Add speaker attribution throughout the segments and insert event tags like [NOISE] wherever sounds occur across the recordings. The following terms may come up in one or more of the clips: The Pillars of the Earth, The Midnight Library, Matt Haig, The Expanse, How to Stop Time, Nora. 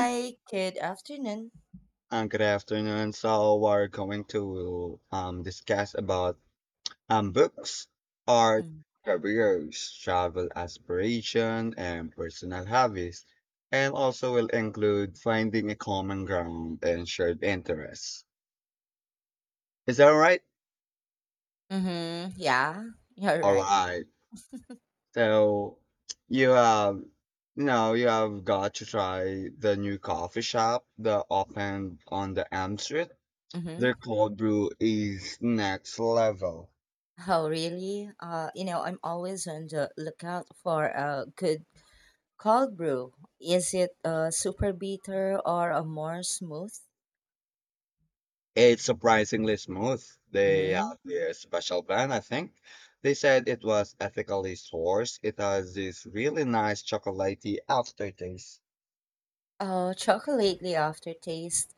Speaker 1: Hi, good afternoon.
Speaker 2: Good afternoon. So we're going to discuss about books, art, careers, travel aspiration, and personal hobbies, and also will include finding a common ground and shared interests. Is that all right?
Speaker 1: Mm-hmm. Yeah, you're
Speaker 2: All
Speaker 1: right.
Speaker 2: right. So you have you know you have got to try the new coffee shop that opened on the M Street.
Speaker 1: Mm-hmm.
Speaker 2: Their cold brew is next level.
Speaker 1: Oh, really? You know, I'm always on the lookout for a good cold brew. Is it a super bitter or a more smooth?
Speaker 2: It's surprisingly smooth. They have
Speaker 1: Mm-hmm.
Speaker 2: their special brand, I think. They said it was ethically sourced. It has this really nice chocolatey aftertaste.
Speaker 1: Chocolatey aftertaste.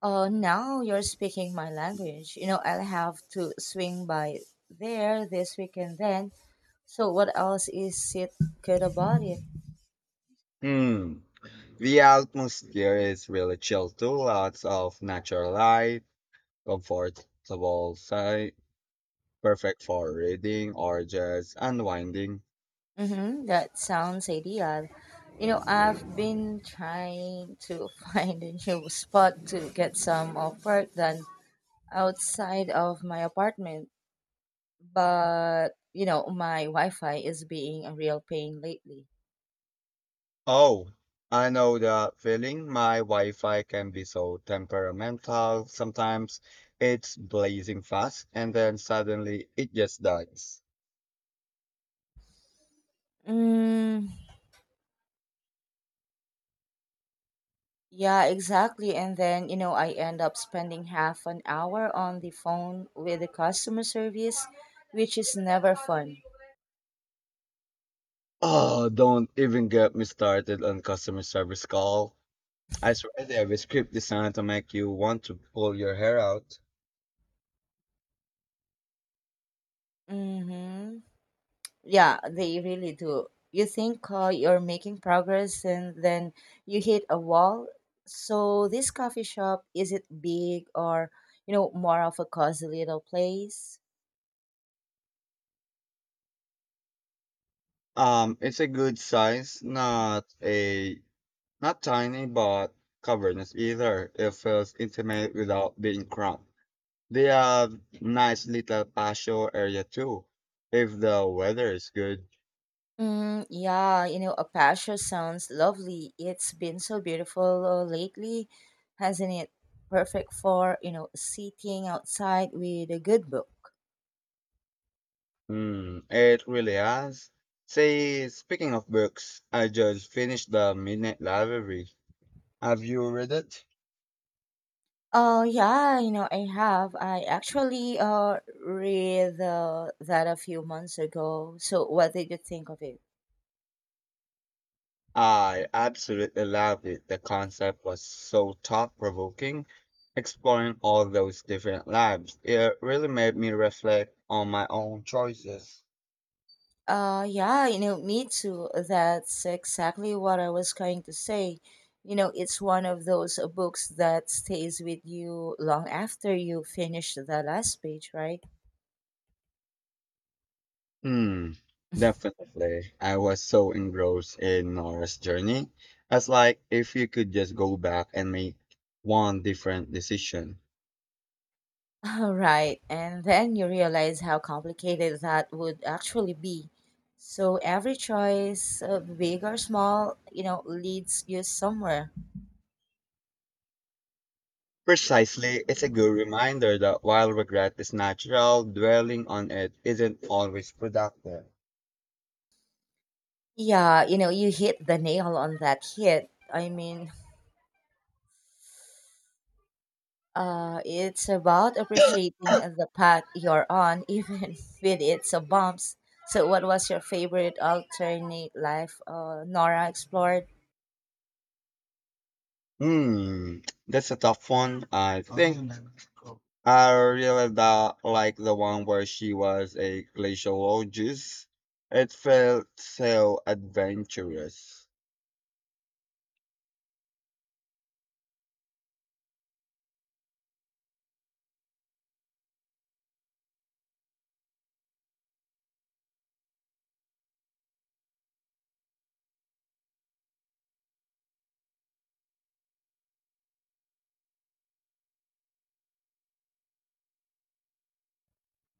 Speaker 1: Oh, now you're speaking my language. You know, I'll have to swing by there this weekend then. So, what else is it good about it?
Speaker 2: Hmm. The atmosphere is really chill too. Lots of natural light, comfortable sight, perfect for reading or just unwinding.
Speaker 1: Mm-hmm, that sounds ideal. You know, I've been trying to [LAUGHS] find a new spot to get some of work done outside of my apartment, but you know, my Wi-Fi is being a real pain lately.
Speaker 2: Oh, I know the feeling. My Wi-Fi can be so temperamental. Sometimes it's blazing fast and then suddenly it just dies.
Speaker 1: Mm, yeah, exactly. And then, you know, I end up spending half an hour on the phone with the customer service, which is never fun.
Speaker 2: Oh, don't even get me started on customer service call. I swear they have a script designed to make you want to pull your hair out.
Speaker 1: Mm-hmm. Yeah, they really do. You think you're making progress and then you hit a wall. So this coffee shop, is it big or, you know, more of a cozy little place?
Speaker 2: It's a good size, not a not tiny, but cavernous either. It feels intimate without being cramped. They have nice little patio area too, if the weather is good.
Speaker 1: Mm, yeah, you know, Apache sounds lovely. It's been so beautiful lately, hasn't it? Perfect for, you know, sitting outside with a good book.
Speaker 2: Mm, it really has. Say, speaking of books, I just finished The Midnight Library. Have you read it?
Speaker 1: Yeah, you know, I have. I actually read that a few months ago. So, what did you think of it?
Speaker 2: I absolutely loved it. The concept was so thought-provoking, exploring all those different lives. It really made me reflect on my own choices.
Speaker 1: Yeah, you know, me too. That's exactly what I was going to say. You know, it's one of those books that stays with you long after you finish the last page, right?
Speaker 2: Hmm. Definitely. I was so engrossed in Nora's journey. As like if you could just go back and make one different decision.
Speaker 1: [LAUGHS] All right. And then you realize how complicated that would actually be. So every choice, big or small, you know, leads you somewhere.
Speaker 2: Precisely, it's a good reminder that while regret is natural, dwelling on it isn't always productive.
Speaker 1: Yeah, you know, you hit the nail on that hit. I mean, it's about appreciating the path you're on, [LAUGHS] even with its bumps. So, what was your favorite alternate life Nora explored?
Speaker 2: Hmm, that's a tough one. I think I really that like the one where she was a glaciologist. It felt so adventurous.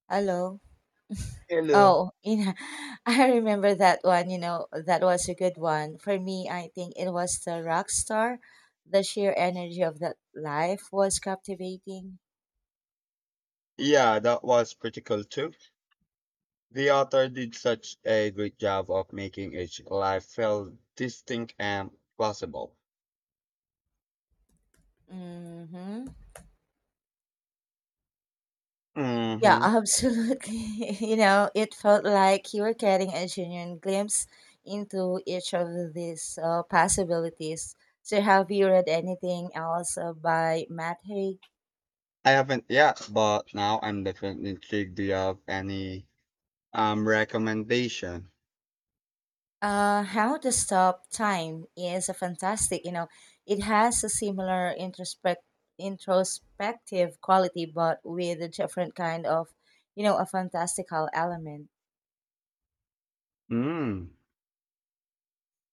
Speaker 1: Hello.
Speaker 2: Hello.
Speaker 1: Oh, you know, [LAUGHS] I remember that one, you know, that was a good one. For me, I think it was the rock star. The sheer energy of that life was captivating.
Speaker 2: Yeah, that was pretty cool too. The author did such a great job of making each life feel distinct and plausible.
Speaker 1: Mm-hmm. Yeah,
Speaker 2: Mm-hmm.
Speaker 1: absolutely. [LAUGHS] You know, it felt like you were getting a genuine glimpse into each of these possibilities. So, have you read anything else by Matt Haig?
Speaker 2: I haven't yet, but now I'm definitely intrigued. Do you have any recommendation?
Speaker 1: How to Stop Time is a fantastic, you know, it has a similar introspective quality, but with a different kind of, you know, a fantastical element.
Speaker 2: Mm.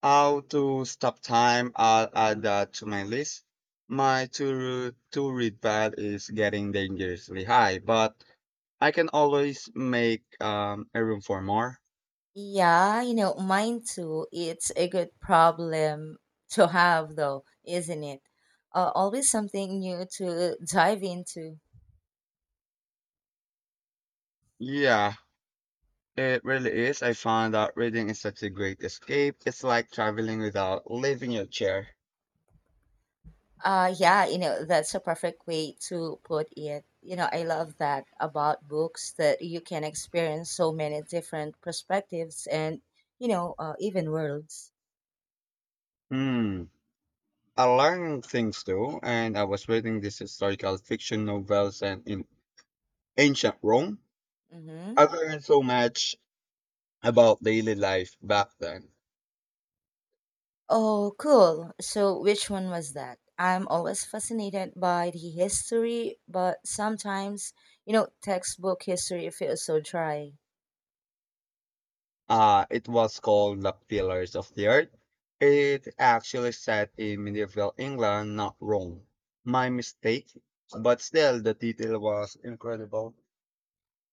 Speaker 2: How to stop time? I'll add that to my list. My to read pad is getting dangerously high, but I can always make a room for more.
Speaker 1: Yeah, you know, mine too. It's a good problem to have, though, isn't it? Always something new to [LAUGHS] dive into.
Speaker 2: Yeah, it really is. I found that reading is such a great escape. It's like traveling without leaving your chair.
Speaker 1: Yeah, you know, that's a perfect way to put it. You know, I love that about books that you can experience so many different perspectives and, you know, even worlds.
Speaker 2: Hmm. I learned things too, and I was reading these historical fiction novels and in ancient Rome.
Speaker 1: Mm-hmm.
Speaker 2: I learned so much about daily life back then.
Speaker 1: Oh, cool. So, which one was that? I'm always fascinated by the history, but sometimes, you know, textbook history feels so dry.
Speaker 2: It was called The Pillars of the Earth. It actually set in medieval England, not Rome. My mistake, but still the detail was incredible.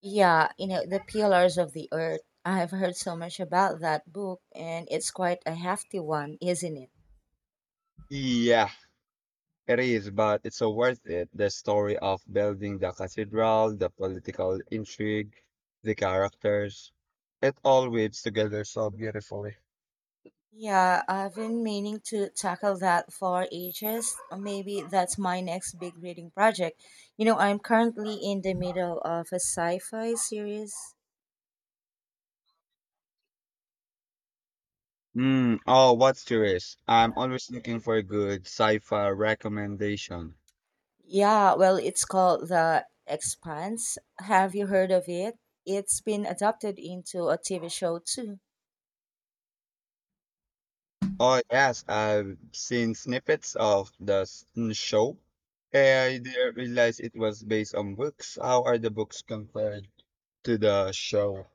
Speaker 1: Yeah, you know, The Pillars of the Earth. I have heard so much about that book, and it's quite a hefty one, isn't it?
Speaker 2: Yeah, it is, but it's so worth it. The story of building the cathedral, the political intrigue, the characters. It all weaves together so beautifully.
Speaker 1: Yeah, I've been meaning to tackle that for ages. Maybe that's my next big reading project. You know, I'm currently in the middle of a sci fi series.
Speaker 2: Mm, oh, what's yours? I'm always looking for a good sci-fi recommendation.
Speaker 1: Yeah, well, it's called The Expanse. Have you heard of it? It's been adapted into a TV show too.
Speaker 2: Oh, yes, I've seen snippets of the show. And I didn't realize it was based on books. How are the books compared to the show?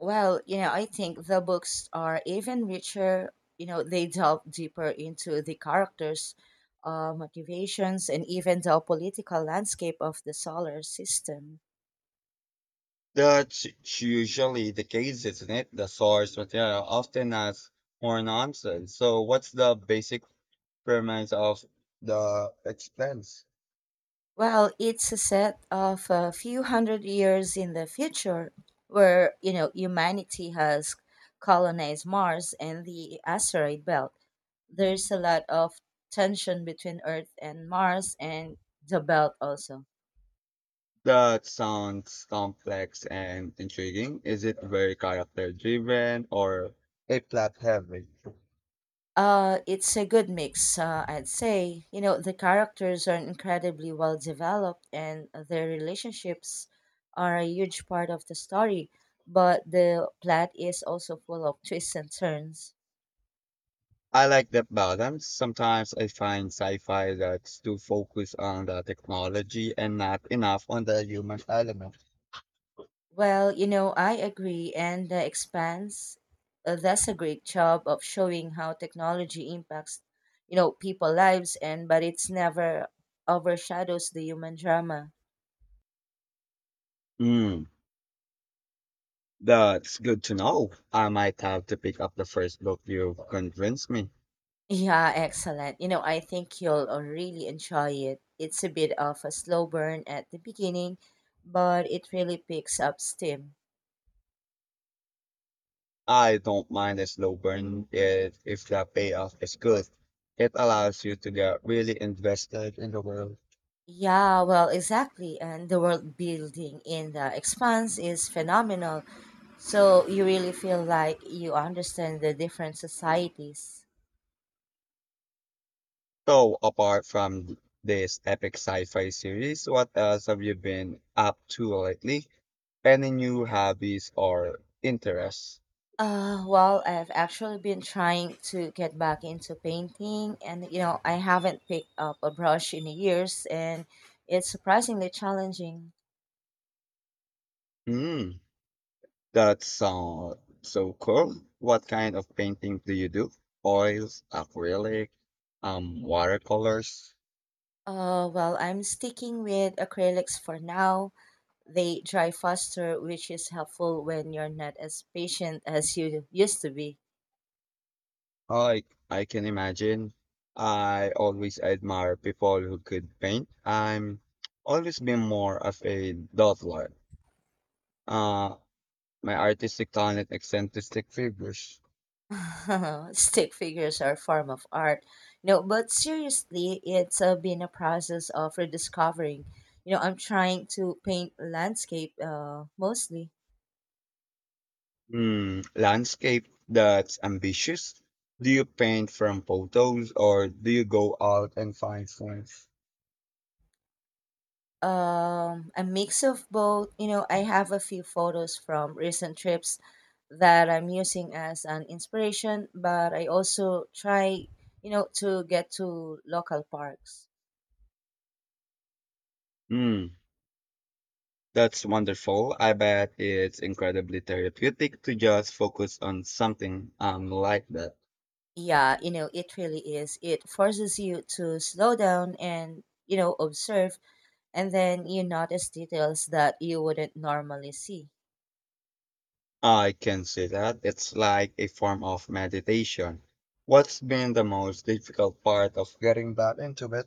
Speaker 1: Well, you know, I think the books are even richer. You know, they delve deeper into the characters, motivations, and even the political landscape of the solar system.
Speaker 2: That's usually the case, isn't it? The source material often has more nonsense. So, what's the basic premise of the expense?
Speaker 1: Well, it's a set of a few hundred years in the future where, you know, humanity has colonized Mars and the asteroid belt. There's a lot of tension between Earth and Mars and the belt also.
Speaker 2: That sounds complex and intriguing. Is it very character driven or a plot heavy?
Speaker 1: It's a good mix, I'd say. You know, the characters are incredibly well developed and their relationships are a huge part of the story, but the plot is also full of [LAUGHS] twists and turns.
Speaker 2: I like that balance. Sometimes I find sci-fi that's too focused on the technology and not enough on the human element.
Speaker 1: Well, you know, I agree, and The Expanse does a great job of showing how technology impacts, you know, people lives and but it's never overshadows the human drama.
Speaker 2: Hmm. That's good to know. I might have to pick up the first book you've convinced me.
Speaker 1: Yeah, excellent. You know, I think you'll really enjoy it. It's a bit of a slow burn at the beginning, but it really picks up steam.
Speaker 2: I don't mind a slow burn if the payoff is good. It allows you to get really invested in the world.
Speaker 1: Yeah, well, exactly. And the world building in The Expanse is phenomenal. So you really feel like you understand the different societies.
Speaker 2: So, apart from this epic sci-fi series, what else have you been up to lately? Any new hobbies or interests?
Speaker 1: Well, I've actually been trying to get back into painting, and you know, I haven't picked up a brush in years, and it's surprisingly challenging.
Speaker 2: Hmm. That's so cool. What kind of painting do you do? Oils, acrylic, watercolors.
Speaker 1: Well, I'm sticking with acrylics for now. They dry faster, which is helpful when you're not as patient as you used to be.
Speaker 2: I can imagine. I always admire people who could paint. I'm always been more of a dawdler. Uh, my artistic talent, eccentric figures.
Speaker 1: [LAUGHS] Stick figures are a form of art. No, but seriously, it's been a process of rediscovering. You know, I'm trying to paint landscape mostly.
Speaker 2: Hmm, landscape that's ambitious. Do you paint from photos or do you go out and find friends?
Speaker 1: Um, a mix of both. You know, I have a few photos from recent trips that I'm using as an inspiration, but I also try, you know, to get to local parks.
Speaker 2: Hmm. That's wonderful. I bet it's incredibly therapeutic to just focus on something like that.
Speaker 1: Yeah, you know, it really is. It forces you to slow down and, you know, observe, and then you notice details that you wouldn't normally see.
Speaker 2: I can see that. It's like a form of meditation. What's been the most difficult part of getting back into it?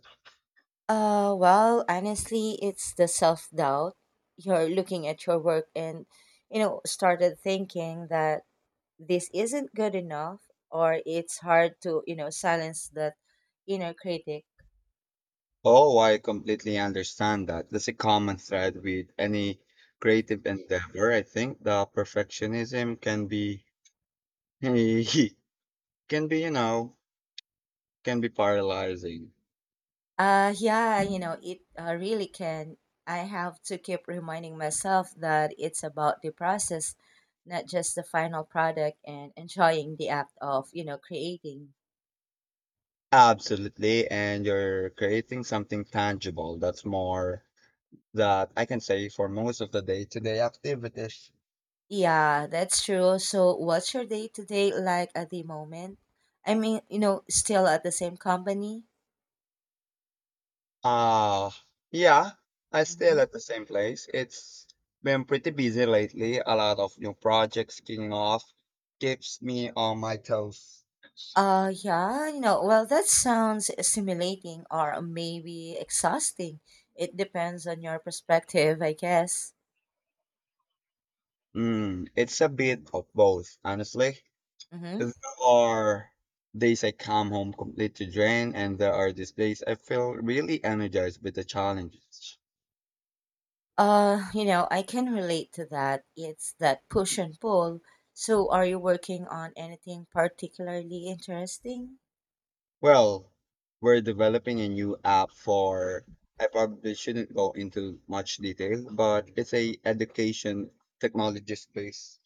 Speaker 1: Well, honestly, it's the self doubt. You're looking at your work and, you know, started thinking that this isn't good enough or it's hard to you know silence that inner critic
Speaker 2: Oh, I completely understand that. That's a common thread with any creative endeavor. I think the perfectionism can be [LAUGHS] can be, you know, can be paralyzing.
Speaker 1: yeah you know it really can I have to keep reminding myself that it's about the process not just the final product and enjoying the act of you know creating
Speaker 2: Absolutely. And you're creating something tangible that's more that I can say for most of the day-to-day activities.
Speaker 1: yeah that's true so what's your day to day like at the moment I mean you know still at the same company.
Speaker 2: Uh yeah, I still at
Speaker 1: Mm-hmm.
Speaker 2: the same place. It's been pretty busy lately. A lot of new projects kicking off keeps me on my toes.
Speaker 1: Yeah, you know, well, that sounds stimulating or maybe exhausting. It depends on your perspective, I guess.
Speaker 2: Mm, it's a bit of both, honestly.
Speaker 1: Mm-hmm.
Speaker 2: There are days I come home completely drained, and there are these days I feel really energized with the challenges.
Speaker 1: You know, I can relate to that. It's that push and pull. So, are you working on anything particularly interesting?
Speaker 2: Well, we're developing a new app for, I probably shouldn't go into much detail, but it's a education technology space.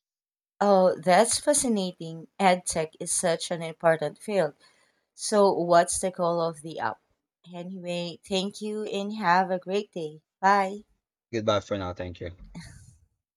Speaker 1: Oh, that's fascinating. EdTech is such an important field. So, what's the goal of the app? Anyway, thank you and have a great day. Bye.
Speaker 2: Goodbye for now. Thank you.